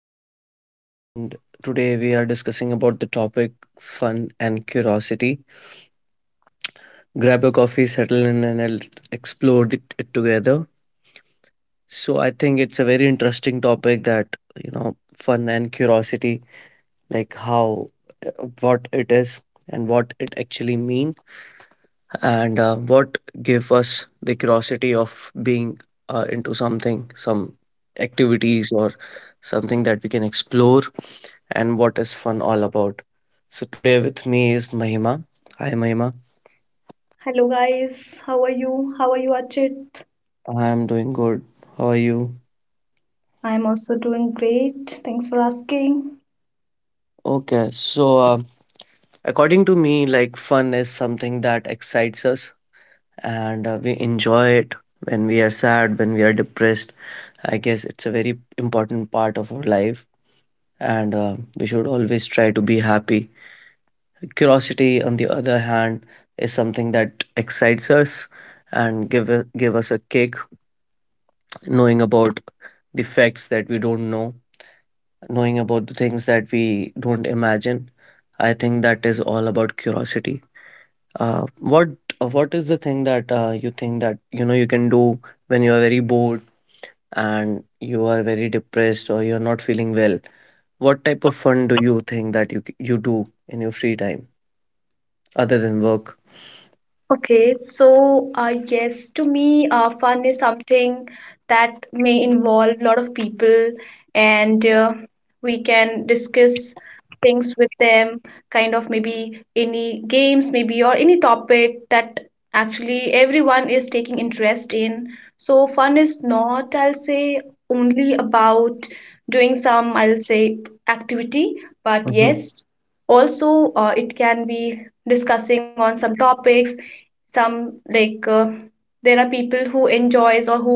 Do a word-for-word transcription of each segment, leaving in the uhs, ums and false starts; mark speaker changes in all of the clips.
Speaker 1: is Archit, and today we are discussing about the topic fun and curiosity. Grab a coffee, settle in, and let's explore the- it together. So I think it's a very interesting topic that you know, fun and curiosity, like how, uh, what it is and what it actually mean, and uh, what give us the curiosity of being uh, into something, some activities or something that we can explore and what is fun all about. So today with me is Mahima. Hi Mahima.
Speaker 2: Hello guys, how are you? How are you, Achit?
Speaker 1: I'm doing good. How are you?
Speaker 2: I'm also doing great. Thanks for asking.
Speaker 1: Okay, so uh, according to me, like fun is something that excites us and uh, we enjoy it when we are sad, when we are depressed. I guess it's a very important part of our life, and uh, we should always try to be happy. Curiosity, on the other hand, is something that excites us and give, give us a kick knowing about the facts that we don't know, knowing about the things that we don't imagine. I think that is all about curiosity. Uh, what uh, what is the thing that uh, you think that you know you can do when you are very bored and you are very depressed or you're not feeling well? What type of fun do you think that you c- you do in your free time other than work?
Speaker 2: Okay, so uh, yes, to me, uh, fun is something that may involve a lot of people, and uh, we can discuss things with them, kind of maybe any games, maybe, or any topic that actually everyone is taking interest in. So, fun is not, I'll say, only about doing some, I'll say, activity, but
Speaker 1: Mm-hmm.
Speaker 2: yes, also uh, it can be discussing on some topics, some like uh, there are people who enjoys or who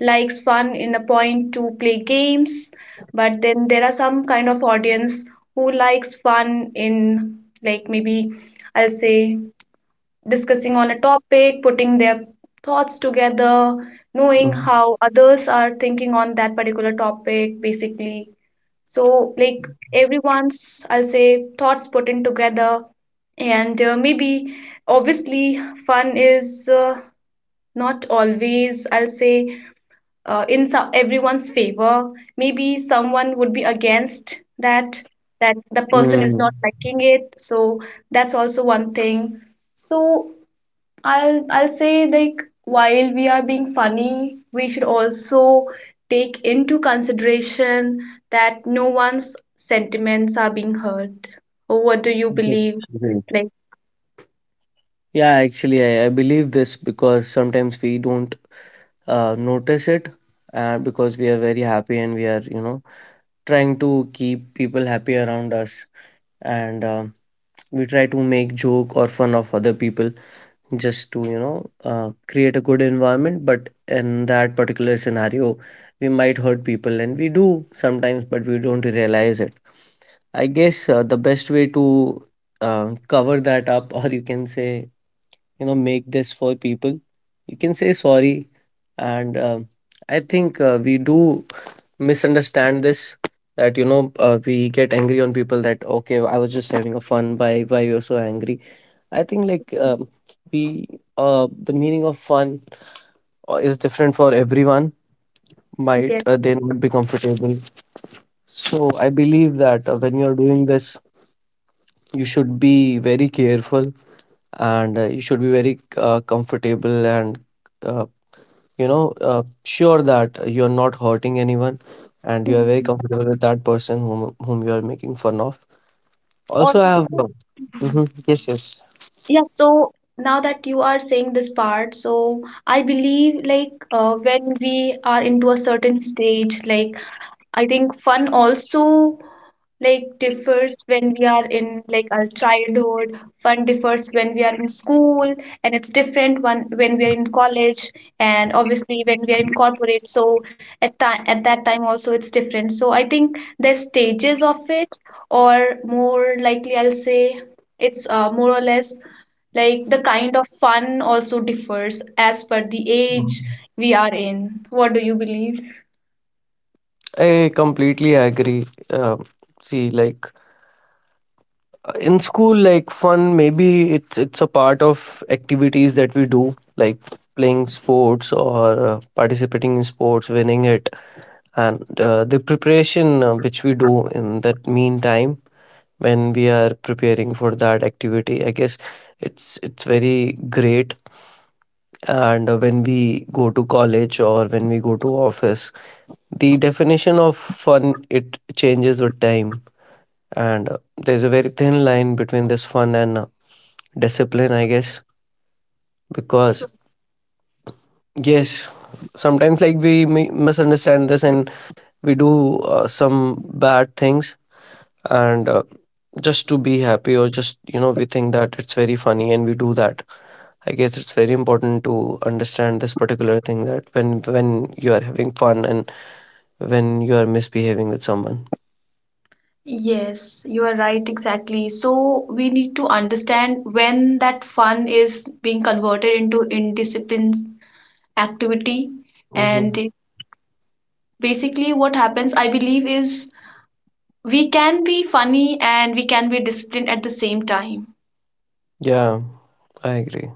Speaker 2: likes fun in a point to play games, but then there are some kind of audience who likes fun in, like, maybe, I'll say, discussing on a topic, putting their thoughts together, knowing how others are thinking on that particular topic, basically. So, like, everyone's, I'll say, thoughts put in together, and uh, maybe, obviously, fun is uh, not always, I'll say, uh, in some, everyone's favor. Maybe someone would be against that, that the person is
Speaker 1: Mm-hmm.
Speaker 2: not liking it. So that's also one thing. So i'll i'll say, like, while we are being funny, we should also take into consideration that no one's sentiments are being hurt. Oh, what do you believe, like?
Speaker 1: Yeah, actually, I, I believe this because sometimes we don't. uh, notice it uh, because we are very happy and we are you know trying to keep people happy around us and um we try to make joke or fun of other people just to you know uh, create a good environment but in that particular scenario we might hurt people and we do sometimes but we don't realize it. I guess uh, the best way to uh, cover that up or you can say you know make this for people you can say sorry, and um, I think uh, we do misunderstand this that you know uh, we get angry on people that okay I was just having a fun, why why you're so angry. I think like um, we uh, the meaning of fun uh, is different for everyone. Might uh, they not be comfortable. So I believe that uh, when you're doing this you should be very careful and uh, you should be very uh, comfortable and uh, you know uh, sure that you're not hurting anyone and you are very
Speaker 2: Yes.
Speaker 1: comfortable with that person whom whom you are making fun of. Also I
Speaker 2: Also.
Speaker 1: have uh,
Speaker 2: Mhm.
Speaker 1: mhm, yes, yes.
Speaker 2: Yeah, so now that you are saying this part, so I believe, like, uh, when we are into a certain stage, like, I think fun also, like, differs. When we are in, like, our childhood, fun differs. When we are in school, and it's different one when we are in college, and obviously when we are in corporate. So at time at that time also it's different. So I think the stages of it, or more likely, I'll say, it's uh, more or less, like, the kind of fun also differs as per the age we are in. What do you believe?
Speaker 1: I completely agree. Um, see, like uh, in school, like fun, maybe it's it's a part of activities that we do, like playing sports or uh, participating in sports, winning it, and uh, the preparation uh, which we do in that meantime when we are preparing for that activity. I guess it's it's very great. And uh, when we go to college or when we go to office, the definition of fun it changes with time, and uh, there's a very thin line between this fun and uh, discipline, I guess. Because yes, sometimes like we mi- misunderstand this and we do uh, some bad things and uh, just to be happy or just you know we think that it's very funny and we do that. I guess it's very important to understand this particular thing, that when when you are having fun and when you are misbehaving with someone.
Speaker 2: Yes, you are right, exactly. So we need to understand when that fun is being converted into indisciplined activity.
Speaker 1: Hmm.
Speaker 2: And it- basically, what happens, I believe, is we can be funny and we can be disciplined at the same time.
Speaker 1: Yeah, I agree.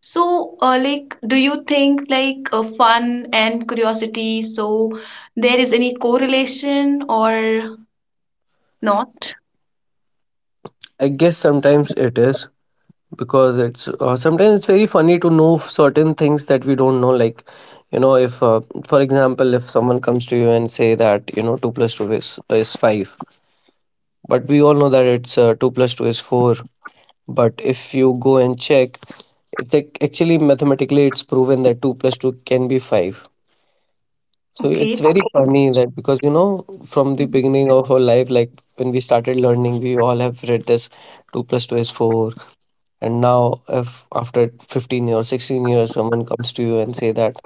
Speaker 2: So, uh, like, do you think, like, uh, fun and curiosity, so, there is any correlation or not?
Speaker 1: I guess sometimes it is, because it's uh, sometimes it's very funny to know certain things that we don't know, like you know if uh, for example, if someone comes to you and say that you know two plus two is is five, but we all know that it's uh, two plus two is four. But if you go and check, it's ac- actually mathematically it's proven that two plus two can be five. So
Speaker 2: Okay.
Speaker 1: it's
Speaker 2: it's-
Speaker 1: very funny that because you know from the beginning of our life, like when we started learning, we all have read this two plus two is four. And now if after fifteen years, sixteen years, someone comes to you and say that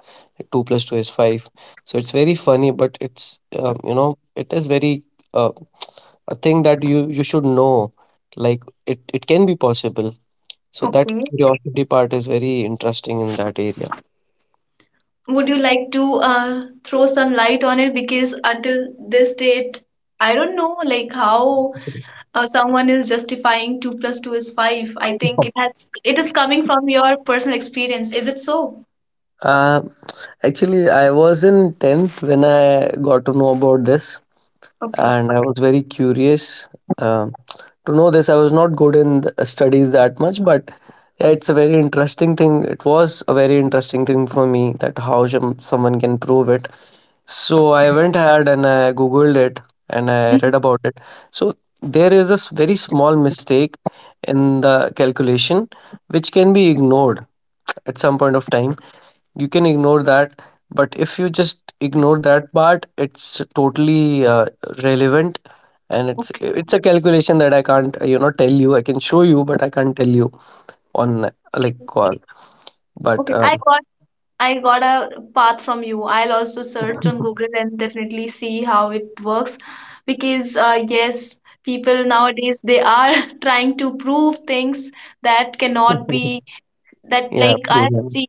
Speaker 1: two plus two is five. So it's very funny, but it's um, you know it is very uh, a thing that you you should know. Like it, it can be possible. So that
Speaker 2: Okay.
Speaker 1: curiosity part is very interesting in that area.
Speaker 2: Would you like to uh, throw some light on it? Because until this date, I don't know, like, how uh, someone is justifying two plus two is five. I think it has, it is coming from your personal experience. Is it so?
Speaker 1: Uh, actually, I was in tenth when I got to know about this,
Speaker 2: Okay.
Speaker 1: and I was very curious um, to know this. I was not good in the studies that much, but yeah, it's a very interesting thing. It was a very interesting thing for me that how some someone can prove it. So I went ahead and I googled it and I
Speaker 2: Mhm.
Speaker 1: read about it. So there is a s- very small mistake in the calculation which can be ignored at some point of time. You can ignore that, but if you just ignore that part, it's totally uh, relevant, and it's
Speaker 2: Okay.
Speaker 1: it's a calculation that I can't uh, you know tell you. I can show you, but I can't tell you on uh, like
Speaker 2: Okay.
Speaker 1: call. But
Speaker 2: Okay. I
Speaker 1: um,
Speaker 2: got I got a path from you. I'll also search on Google and definitely see how it works, because uh, yes, people nowadays, they are trying to prove things that cannot be, that,
Speaker 1: yeah,
Speaker 2: like, I
Speaker 1: proven.
Speaker 2: see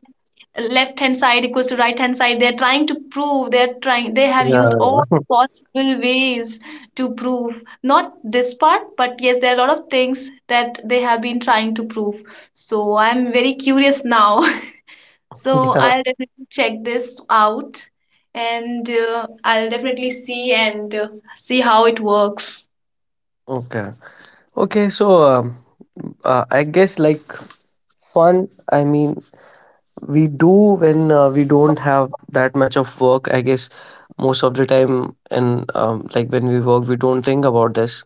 Speaker 2: left hand side equals to right hand side. They're trying to prove, they're trying, they have used
Speaker 1: Yeah,
Speaker 2: all
Speaker 1: yeah.
Speaker 2: possible ways to prove. Not this part, but yes, there are a lot of things that they have been trying to prove. So I'm very curious now. So
Speaker 1: Yeah.
Speaker 2: I'll definitely check this out, and uh, I'll definitely see, and uh, see how it works.
Speaker 1: Okay. Okay, so um, uh, I guess like fun, I mean, we do when uh, we don't have that much of work. I guess most of the time, and um, like when we work, we don't think about this.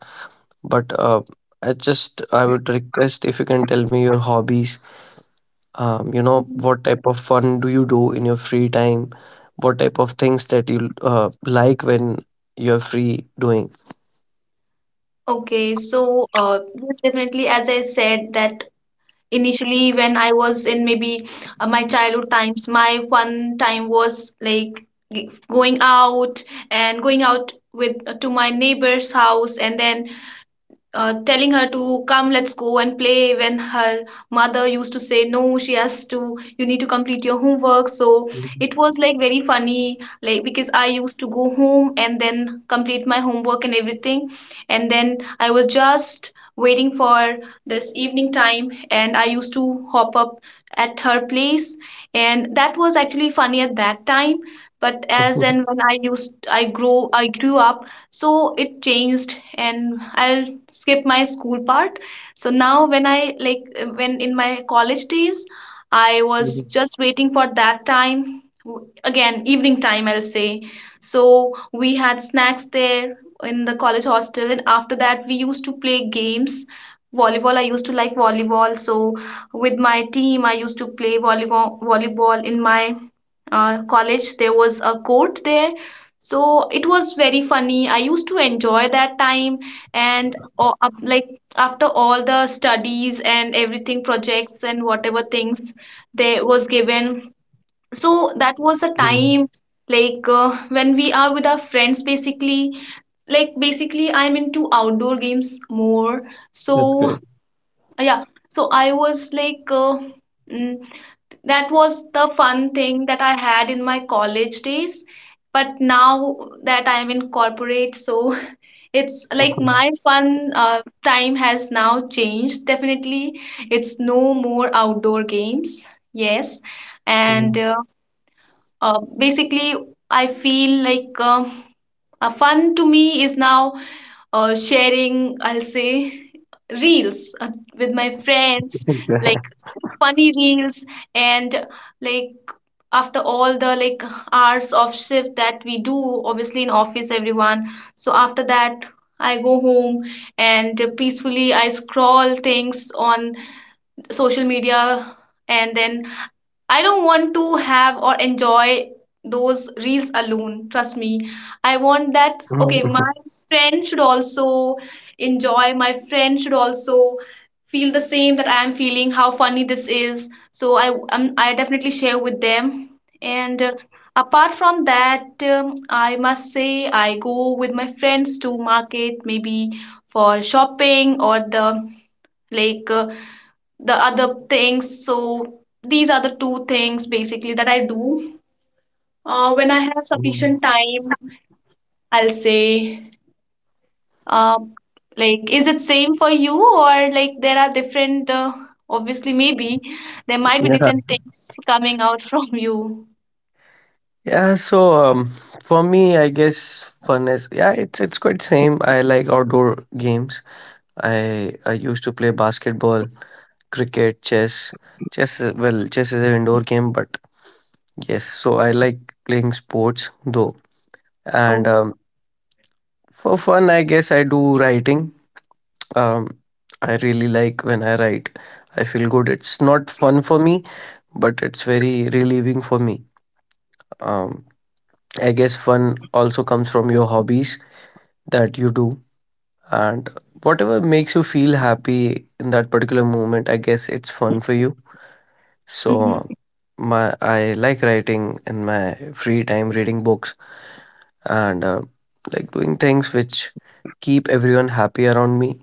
Speaker 1: But uh, I just, I would request if you can tell me your hobbies. Um, you know,
Speaker 2: Mhm.
Speaker 1: what type of fun do you do in your free time? What type of things that you uh, like when you're free doing?
Speaker 2: Okay, so uh, yes, definitely, as I said, that initially, when I was in, maybe, uh, my childhood times, my fun time was like g- going out, and going out with uh, to my neighbor's house, and then uh, telling her to come, let's go and play. When her mother used to say, no, she has to, you need to complete your homework. So
Speaker 1: Mhm.
Speaker 2: it was like very funny, like, because I used to go home and then complete my homework and everything, and then I was just waiting for this evening time, and I used to hop up at her place, and that was actually funny at that time. But as and when i used i grow i grew up, so it changed. And I'll skip my school part. So now when I like uh, when in my college days, I was
Speaker 1: Mhm.
Speaker 2: just waiting for that time, w- again evening time, I'll say. So we had snacks there in the college hostel, and after that we used to play games. Volleyball, I used to like volleyball. So with my team I used to play volleyball volleyball in my uh, college. There was a court there, so it was very funny. I used to enjoy that time. And uh, up- like, after all the studies and everything, projects and whatever things there was given, so that was a
Speaker 1: Mhm. Mhm.
Speaker 2: time, like, uh, when we are with our friends, basically. Like, basically, I'm into outdoor games more.
Speaker 1: That's
Speaker 2: So,
Speaker 1: great.
Speaker 2: uh, yeah, so I was like, uh, mm, that was the fun thing that I had in my college days. But now that I'm in corporate, so it's like
Speaker 1: Mhm.
Speaker 2: my fun uh, time has now changed. Definitely, it's no more outdoor games. Yes, and
Speaker 1: Mhm.
Speaker 2: uh, uh, basically, I feel like um uh, fun to me is now uh, sharing, I'll say, reels uh, with my friends, like
Speaker 1: Yeah.
Speaker 2: funny reels. And, like, after all the, like, hours of shift that we do, obviously in office, everyone. So after that, I go home, and peacefully I scroll things on social media, and then I don't want to have or enjoy those reels alone. Trust me. I want that. Okay, my
Speaker 1: Mhm.
Speaker 2: friend should also enjoy. My friend should also feel the same that I am feeling, how funny this is. So I um, I definitely share with them. And uh, apart from that, um, I must say I go with my friends to market, maybe for shopping or the like. Uh, the other things. So these are the two things basically that I do. Uh, when I have
Speaker 1: Mhm.
Speaker 2: sufficient time, I'll say, uh, like, is it same for you, or, like, there are different? Uh, obviously, maybe there might be
Speaker 1: Yeah.
Speaker 2: different things coming out from you.
Speaker 1: Yeah, so um, for me, I guess fun is yeah, it's it's quite same. I like outdoor games. I I used to play basketball, cricket, chess. Chess, uh, well, chess is an indoor game, but yes, so I like playing sports though. And
Speaker 2: Oh.
Speaker 1: um, for fun, I guess I do writing. Um, I really like when I write. I feel good. It's not fun for me, but it's very relieving for me. Um, I guess fun also comes from your hobbies that you do, and whatever makes you feel happy in that particular moment, I guess it's fun for you.
Speaker 2: Mhm.
Speaker 1: So my I like writing in my free time, reading books, and uh, like doing things which keep everyone happy around me.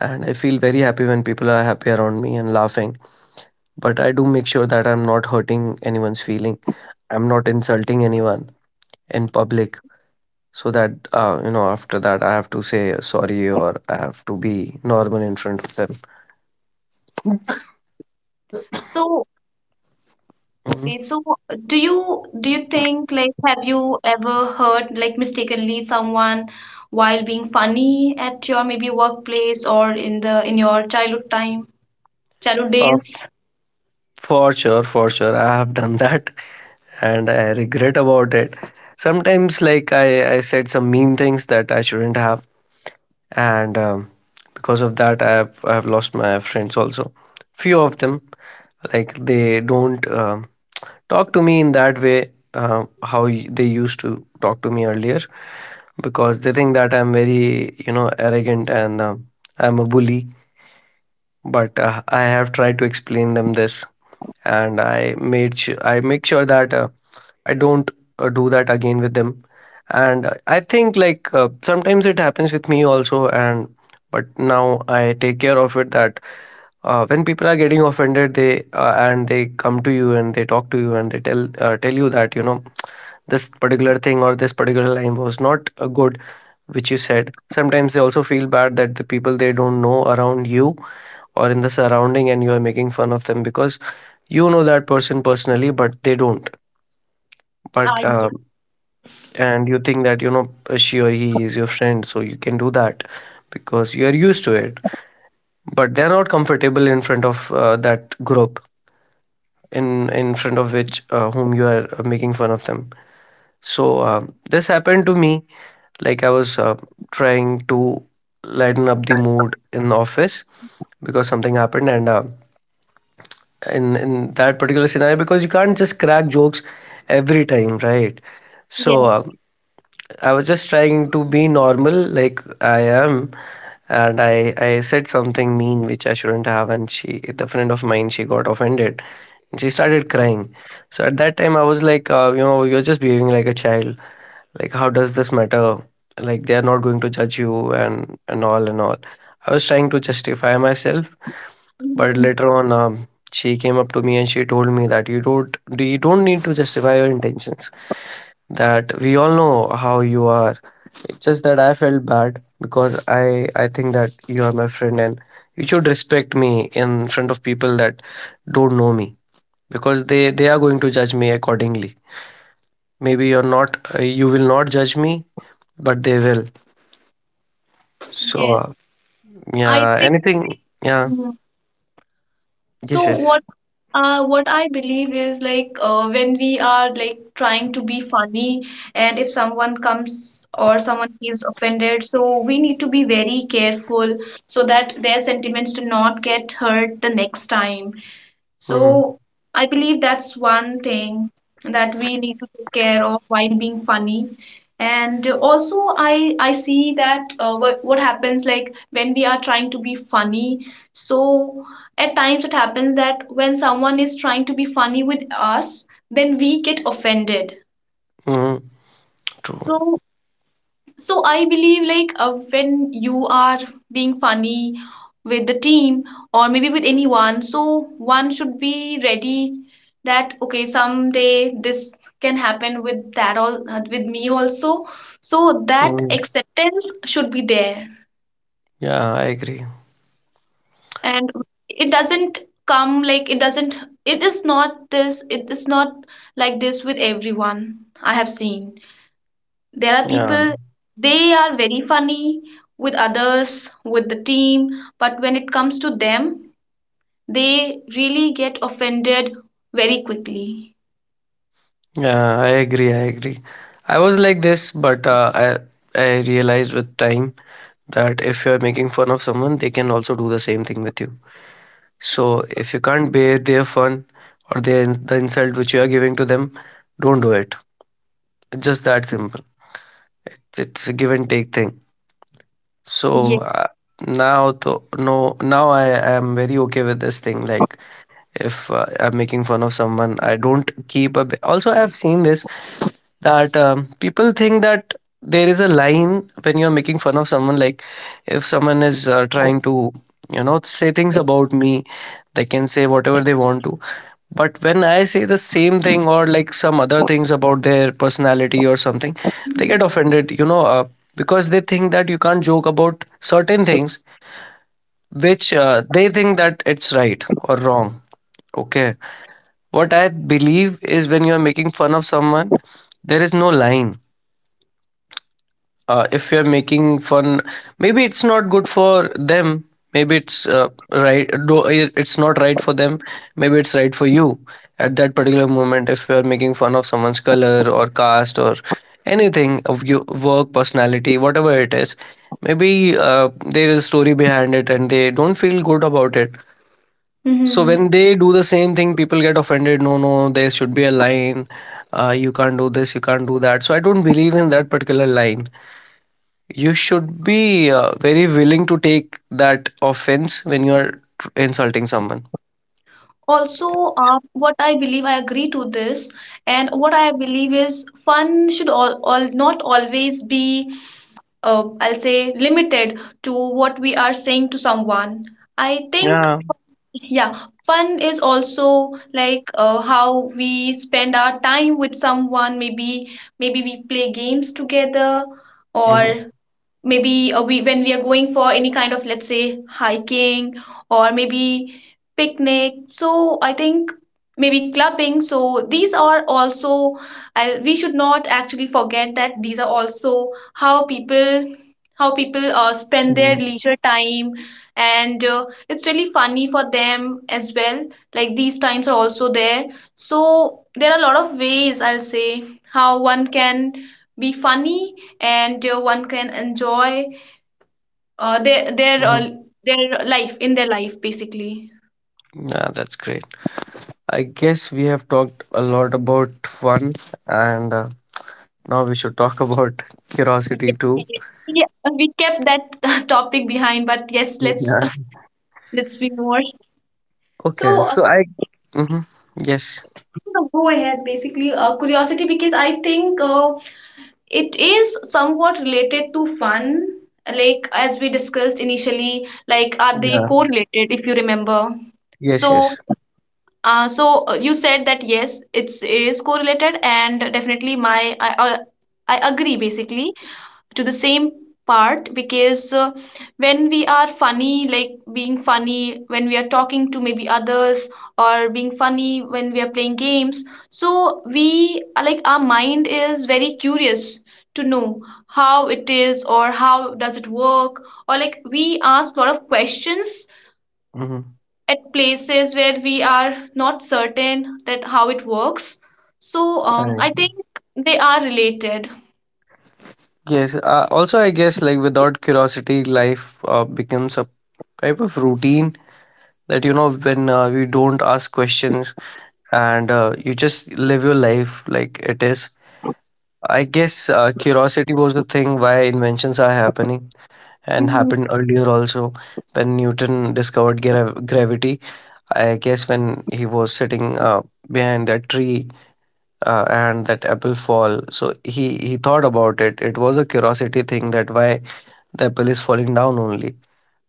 Speaker 1: And I feel very happy when people are happy around me and laughing. But I do make sure that I'm not hurting anyone's feeling, I'm not insulting anyone in public, so that uh, you know after that I have to say sorry or I have to be normal in front of them.
Speaker 2: So.
Speaker 1: Mhm.
Speaker 2: Okay, so do you do you think, like, have you ever heard, like, mistakenly someone, while being funny, at your maybe workplace or in the, in your childhood time, childhood
Speaker 1: uh,
Speaker 2: days?
Speaker 1: for sure for sure I have done that and I regret about it. Sometimes like i i said some mean things that I shouldn't have, and um, because of that i have i have lost my friends also, few of them. Like they don't um talk to me in that way, uh, how y- they used to talk to me earlier, because they think that I'm very, you know, arrogant and um I'm a bully. But uh, I have tried to explain them this, and I made su- I make sure that uh, I don't uh, do that again with them. And uh, I think like uh, sometimes it happens with me also, and but now I take care of it that uh, when people are getting offended, they uh, and they come to you and they talk to you and they tell uh, tell you that you know this particular thing or this particular line was not uh, good which you said. Sometimes they also feel bad that the people they don't know around you or in the surrounding, and you are making fun of them, because you know that person personally but they don't.
Speaker 2: Ah,
Speaker 1: But
Speaker 2: ye-
Speaker 1: um, and you think that you know she or he is your friend so you can do that, because you are used to it, but they're not comfortable in front of uh, that group, in in front of which uh, whom you are uh, making fun of them. So um, this happened to me. Like I was uh, trying to lighten up the mood in the office because something happened, and uh, in in that particular scenario, because you can't just crack jokes every time, right? So
Speaker 2: yes.
Speaker 1: um, I was just trying to be normal, like I am, and I I said something mean which I shouldn't have, and she the friend of mine she got offended. And she started crying. So at that time I was like, uh, you know, you're just behaving like a child. Like how does this matter? Like they are not going to judge you and and all and all. I was trying to justify myself, but
Speaker 2: Mhm.
Speaker 1: later on um, she came up to me and she told me that you don't you don't need to justify your intentions, that we all know how you are. It's just that I felt bad because i i think that you are my friend and you should respect me in front of people that don't know me, because they they are going to judge me accordingly. Maybe you're not, uh, you will not judge me, but they will. so
Speaker 2: Yes.
Speaker 1: uh,
Speaker 2: I
Speaker 1: yeah,
Speaker 2: think.
Speaker 1: anything. Yeah,
Speaker 2: Mhm. So.
Speaker 1: yes, yes.
Speaker 2: What Uh, what I believe is, like, uh, when we are, like, trying to be funny, and if someone comes or someone feels offended, so we need to be very careful so that their sentiments do not get hurt the next time.
Speaker 1: Mm-hmm.
Speaker 2: So I believe that's one thing that we need to take care of while being funny. And also, I I see that uh, what what happens, like, when we are trying to be funny. So at times it happens that when someone is trying to be funny with us, then we get offended.
Speaker 1: Mm-hmm. True.
Speaker 2: So so I believe, like, uh, when you are being funny with the team or maybe with anyone, so one should be ready that, okay, someday this can happen with that all, uh, with me also. So that
Speaker 1: Mhm.
Speaker 2: acceptance should be there.
Speaker 1: Yeah, I agree.
Speaker 2: And it doesn't come, like, it doesn't, it is not this it is not like this with everyone, I have seen. There are
Speaker 1: Yeah.
Speaker 2: people, they are very funny with others, with the team, but when it comes to them, they really get offended very quickly.
Speaker 1: Yeah, I agree. I agree. I was like this, but uh, I I realized with time that if you're making fun of someone, they can also do the same thing with you. So if you can't bear their fun or their the insult which you are giving to them, don't do it. Just that simple. It's a give and take thing. So
Speaker 2: Yeah.
Speaker 1: uh, now, to, no, Now I am very okay with this thing. Like if uh, I'm making fun of someone, I don't keep a, also I've seen this, that um, people think that there is a line when you're making fun of someone. Like if someone is uh, trying to, you know, say things about me, they can say whatever they want to, but when I say the same thing or like some other things about their personality or something, they get offended, you know. Uh, because they think that you can't joke about certain things which uh, they think that it's right or wrong. Okay, what I believe is when you are making fun of someone, there is no line. Uh, if you're making fun, maybe it's not good for them. Maybe it's uh, right. do- It's not right for them. Maybe it's right for you at that particular moment. If you're making fun of someone's color or caste or anything of your work, personality, whatever it is, maybe uh, there is a story behind it, and they don't feel good about it. So when
Speaker 2: Hmm.
Speaker 1: they do the same thing, people get offended. No, no, there should be a line. Uh, you can't do this, you can't do that. So I don't believe in that particular line. You should be uh, very willing to take that offense when you are tr- insulting someone.
Speaker 2: Also, uh, what I believe, I agree to this, and what I believe is fun should all, all not always be, uh, I'll say, limited to what we are saying to someone. I think.
Speaker 1: Yeah.
Speaker 2: Yeah, fun is also, like, uh, how we spend our time with someone. Maybe, maybe we play games together, or
Speaker 1: Mm-hmm.
Speaker 2: maybe uh, we when we are going for any kind of, let's say, hiking, or maybe picnic. So I think, maybe clubbing. So these are also, I, we should not actually forget that these are also how people, how people uh, spend their leisure time, and uh, it's really funny for them as well, like these times are also there. So there are a lot of ways, I'll say, how one can be funny, and uh, one can enjoy uh, their their
Speaker 1: Mm-hmm.
Speaker 2: uh, their life in their life, basically.
Speaker 1: Yeah, that's great. I guess we have talked a lot about fun, and uh, now we should talk about
Speaker 2: Yes,
Speaker 1: curiosity too.
Speaker 2: yes. Yeah, we kept that topic behind, but yes, let's
Speaker 1: Yeah.
Speaker 2: let's be more.
Speaker 1: Okay.
Speaker 2: So
Speaker 1: So I. Mm-hmm. Yes.
Speaker 2: uh, go ahead, basically. Uh, curiosity, because I think uh, it is somewhat related to fun. Like, as we discussed initially, like, are they
Speaker 1: Yeah.
Speaker 2: correlated? If you remember,
Speaker 1: Yes.
Speaker 2: so,
Speaker 1: Yes.
Speaker 2: Uh, so uh, you said that, yes, it's is correlated, and definitely my I I, I agree, basically, to the same part, because uh, when we are funny, like, being funny when we are talking to maybe others, or being funny when we are playing games, so we, uh, like, our mind is very curious to know how it is or how does it work, or, like, we ask a lot of questions
Speaker 1: Mm-hmm.
Speaker 2: at places where we are not certain that how it works. So um,
Speaker 1: Right.
Speaker 2: I think they are related.
Speaker 1: Yes. Uh, also, I guess like without curiosity, life uh, becomes a type of routine, that you know, when uh, we don't ask questions and uh, you just live your life like it is. I guess uh, curiosity was the thing why inventions are happening and
Speaker 2: Hmm.
Speaker 1: happened earlier also, when Newton discovered grav gravity. I guess when he was sitting uh, behind that tree uh, and that apple fall, so he he thought about it. It was a curiosity thing: that why the apple is falling down only,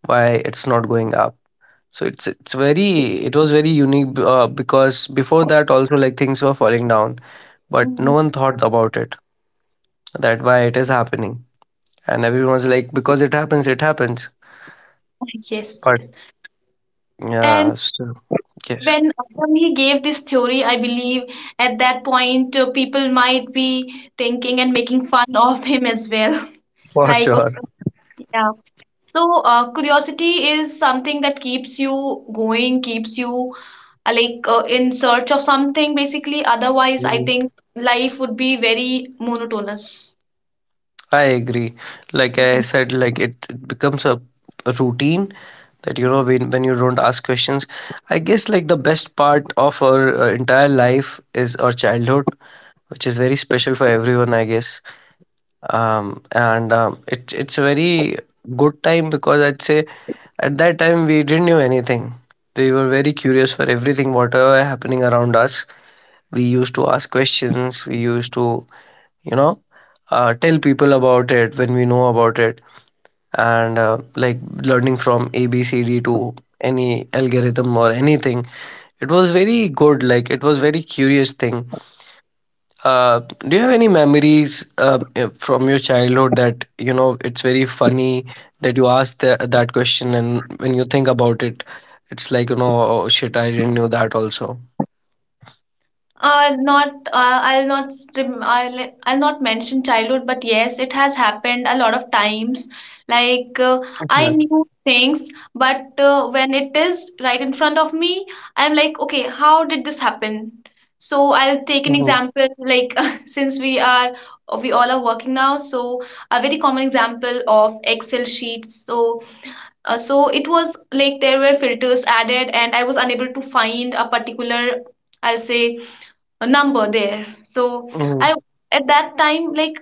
Speaker 1: why it's not going up. So it's it's very, it was very unique, uh, because before that also, like, things were falling down but no
Speaker 2: Hmm.
Speaker 1: one thought about it, that why it is happening. And everyone's like, because it happens, it happens.
Speaker 2: Yes,
Speaker 1: But
Speaker 2: yes. And
Speaker 1: yeah, so, yes,
Speaker 2: when when he gave this theory, I believe at that point uh, people might be thinking and making fun of him as well.
Speaker 1: for
Speaker 2: Like,
Speaker 1: sure.
Speaker 2: yeah. So, uh, curiosity is something that keeps you going, keeps you uh, like, uh, in search of something, basically. Otherwise, I think life would be very monotonous.
Speaker 1: I agree. Like I said, like it, it becomes a, a routine, that you know, when when you don't ask questions. I guess like the best part of our uh, entire life is our childhood, which is very special for everyone, I guess. Um, and um, it it's a very good time because I'd say at that time we didn't know anything. We were very curious for everything, whatever happening around us. We used to ask questions. We used to, you know, uh, tell people about it when we know about it, and uh, like learning from abcd to any algorithm or anything, it was very good, like it was very curious thing. uh, do you have any memories uh, from your childhood that, you know, it's very funny, that you asked the, that question, and when you think about it, it's like, you know, oh shit, I didn't know that also.
Speaker 2: Uh, not uh, I'll not strim, I'll I'll not mention childhood, but yes, it has happened a lot of times. Like, uh, I
Speaker 1: Okay.
Speaker 2: knew things, but uh, when it is right in front of me, I'm like, okay, how did this happen? So I'll take an example. Like, since we are, we all are working now, so a very common example of Excel sheets. So uh, so it was like there were filters added, and I was unable to find a particular, I'll say, a number there. So
Speaker 1: Mm-hmm.
Speaker 2: I at that time, like,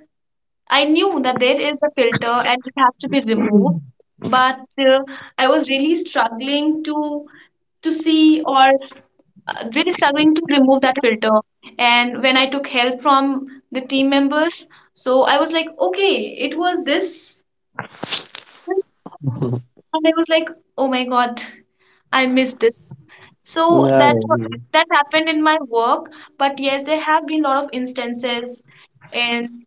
Speaker 2: I knew that there is a filter and it has to be
Speaker 1: Mm-hmm.
Speaker 2: removed, but uh, I was really struggling to to see, or uh, really struggling to remove that filter. And when I took help from the team members, so I was like, okay, it was this, this. And I was like, oh my God, I missed this. So
Speaker 1: Yeah, yeah.
Speaker 2: that,
Speaker 1: Yeah.
Speaker 2: that happened in my work. But yes, there have been a lot of instances in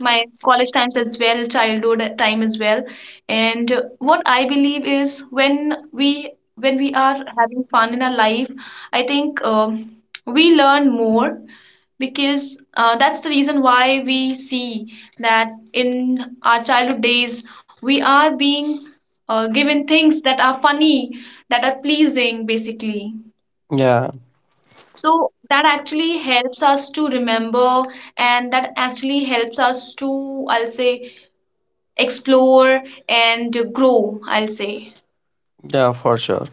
Speaker 2: my college times as well, childhood time as well. And uh, what I believe is, when we when we are having fun in our life, I think um, we learn more, because uh, that's the reason why we see that in our childhood days we are being uh, given things that are funny, that are pleasing, basically.
Speaker 1: Yeah.
Speaker 2: So that actually helps us to remember, and that actually helps us to, I'll say, explore and grow, I'll say.
Speaker 1: Yeah, for sure.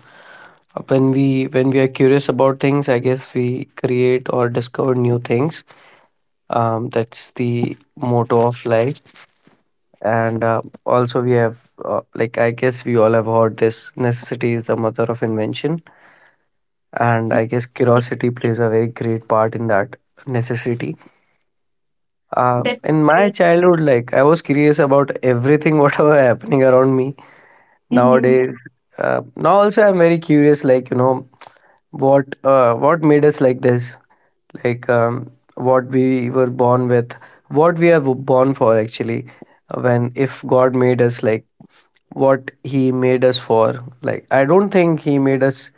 Speaker 1: When we when we are curious about things, I guess we create or discover new things. Um, that's the motto of life, and uh, also we have, uh, like, I guess we all have heard this, necessity is the mother of invention, and I guess
Speaker 2: Yes, yes,
Speaker 1: curiosity plays a very great part in that necessity. Uh, in my
Speaker 2: definitely.
Speaker 1: childhood, like, I was curious about everything whatever happening around me
Speaker 2: Mm,
Speaker 1: nowadays. Uh, now also I'm very curious, like, you know, what, uh, what made us like this, like, um, what we were born with, what we are born for actually. When, if god made us, like, what he made us for, like, I don't think he made us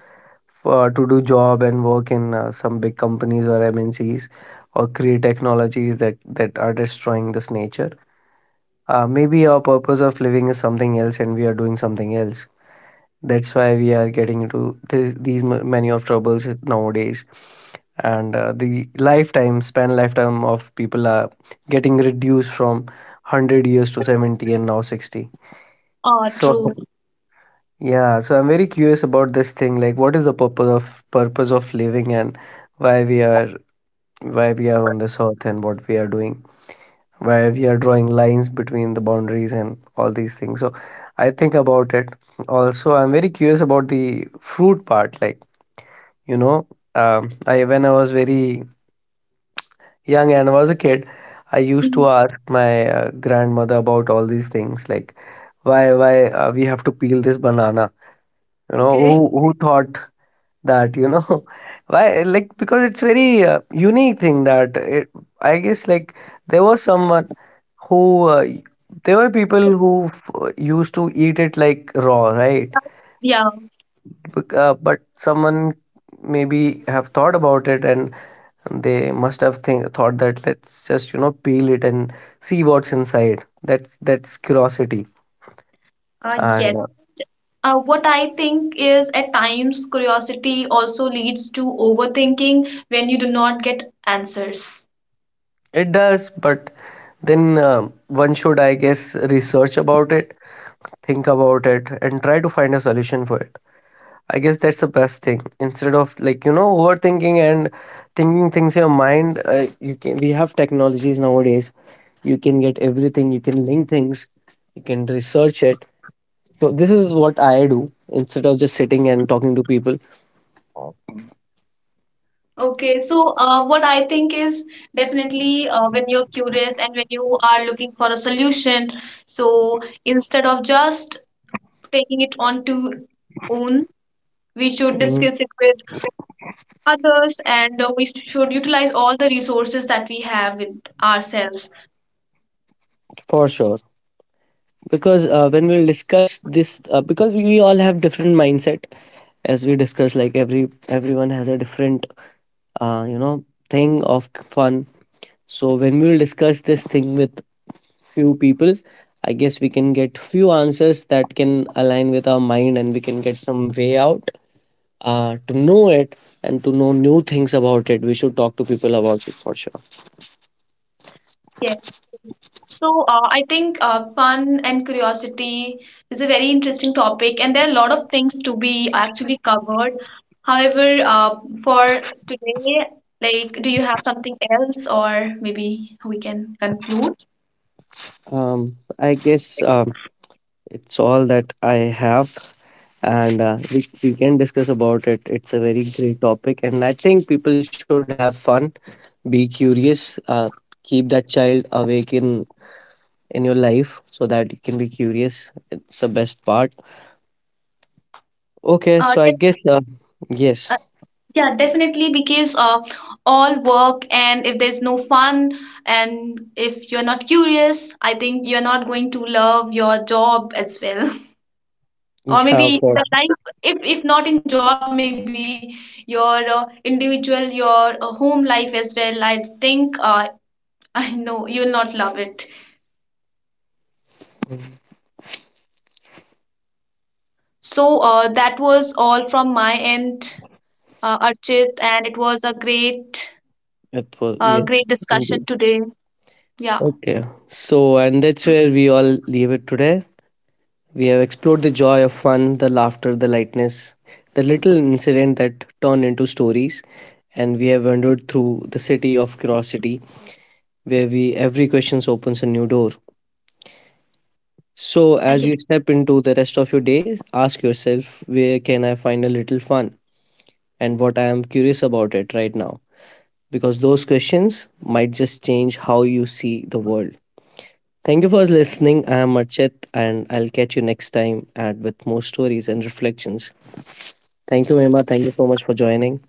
Speaker 1: uh, to do job and work in uh, some big companies or mncs or create technologies that that are destroying this nature. Uh, maybe our purpose of living is something else and we are doing something else. That's why we are getting into th- these m- many of troubles nowadays, and uh, the lifetime span lifetime of people are getting reduced from one hundred years to seventy and now sixty.
Speaker 2: uh,
Speaker 1: So
Speaker 2: True.
Speaker 1: yeah, so I'm very curious about this thing. Like, what is the purpose of purpose of living, and why we are, why we are on this earth and what we are doing, why we are drawing lines between the boundaries and all these things. So I think about it. Also, I'm very curious about the fruit part. Like, you know, um, I, when I was very young and I was a kid, I used
Speaker 2: Mm,
Speaker 1: to ask my uh, grandmother about all these things, like, why why uh, we have to peel this banana. You know,
Speaker 2: Okay.
Speaker 1: who who thought that? You know, why, like, because it's very uh, unique thing that it, I guess like there was someone who uh, y- there were people
Speaker 2: Yes.
Speaker 1: who f- used to eat it like raw, right?
Speaker 2: Yeah.
Speaker 1: Bec- Uh, but someone maybe have thought about it, and they must have think thought that, let's just, you know, peel it and see what's inside. That's that's curiosity,
Speaker 2: Uh,
Speaker 1: and
Speaker 2: yes.
Speaker 1: uh,
Speaker 2: Uh, what I think is, at times curiosity also leads to overthinking when you do not get answers.
Speaker 1: it does. But then uh, one should, I guess, research about it, think about it, and try to find a solution for it. I guess that's the best thing. Instead of, like, you know, overthinking and thinking things in your mind, uh, you can, we have technologies nowadays. You can get everything. You can link things. You can research it. So this is what I do, instead of just sitting and talking to people.
Speaker 2: Okay, so uh, what I think is, definitely, uh, when you're curious and when you are looking for a solution, so instead of just taking it on to own, we should
Speaker 1: Mhm.
Speaker 2: discuss it with others, and uh, we should utilize all the resources that we have with ourselves.
Speaker 1: For sure. Because uh, when we'll discuss this, uh, because we all have different mindset, as we discuss, like every, everyone has a different, uh, you know, thing of fun. So when we will discuss this thing with few people, I guess we can get few answers that can align with our mind, and we can get some way out uh, to know it and to know new things about it. We should talk to people about it for sure.
Speaker 2: Yes. So uh, I think uh, fun and curiosity is a very interesting topic, and there are a lot of things to be actually covered. However, uh, for today, like, do you have something else, or maybe we can conclude?
Speaker 1: Um, I guess um, it's all that I have, and uh, we we can discuss about it. It's a very great topic, and I think people should have fun, be curious, uh, keep that child awake in in your life so that you can be curious. It's the best part. Okay,
Speaker 2: Uh,
Speaker 1: so I
Speaker 2: yes.
Speaker 1: guess uh, yes,
Speaker 2: Yeah, definitely, because uh, all work, and if there's no fun, and if you're not curious, I think you're not going to love your job as well. Or
Speaker 1: yeah,
Speaker 2: maybe
Speaker 1: for
Speaker 2: the
Speaker 1: sure.
Speaker 2: life, if, if not in job, maybe your uh, individual, your uh, home life as well. I think uh, I know you'll not love it. So uh, that was all from my end, uh, Archit, and it was a great,
Speaker 1: It was,
Speaker 2: uh,
Speaker 1: yes,
Speaker 2: great
Speaker 1: indeed.
Speaker 2: discussion today. Yeah,
Speaker 1: Okay, so and that's where we all leave it today. We have explored the joy of fun, the laughter, the lightness, the little incident that turn into stories, and we have wandered through the city of curiosity, where we, every question opens a new door. So, as you
Speaker 2: okay.
Speaker 1: step into the rest of your day, ask yourself, where can I find a little fun, and what I am curious about it right now, because those questions might just change how you see the world. Thank you for listening. I am Archit, and I'll catch you next time at with more stories and reflections. Thank you, Mema. Thank you so much for joining.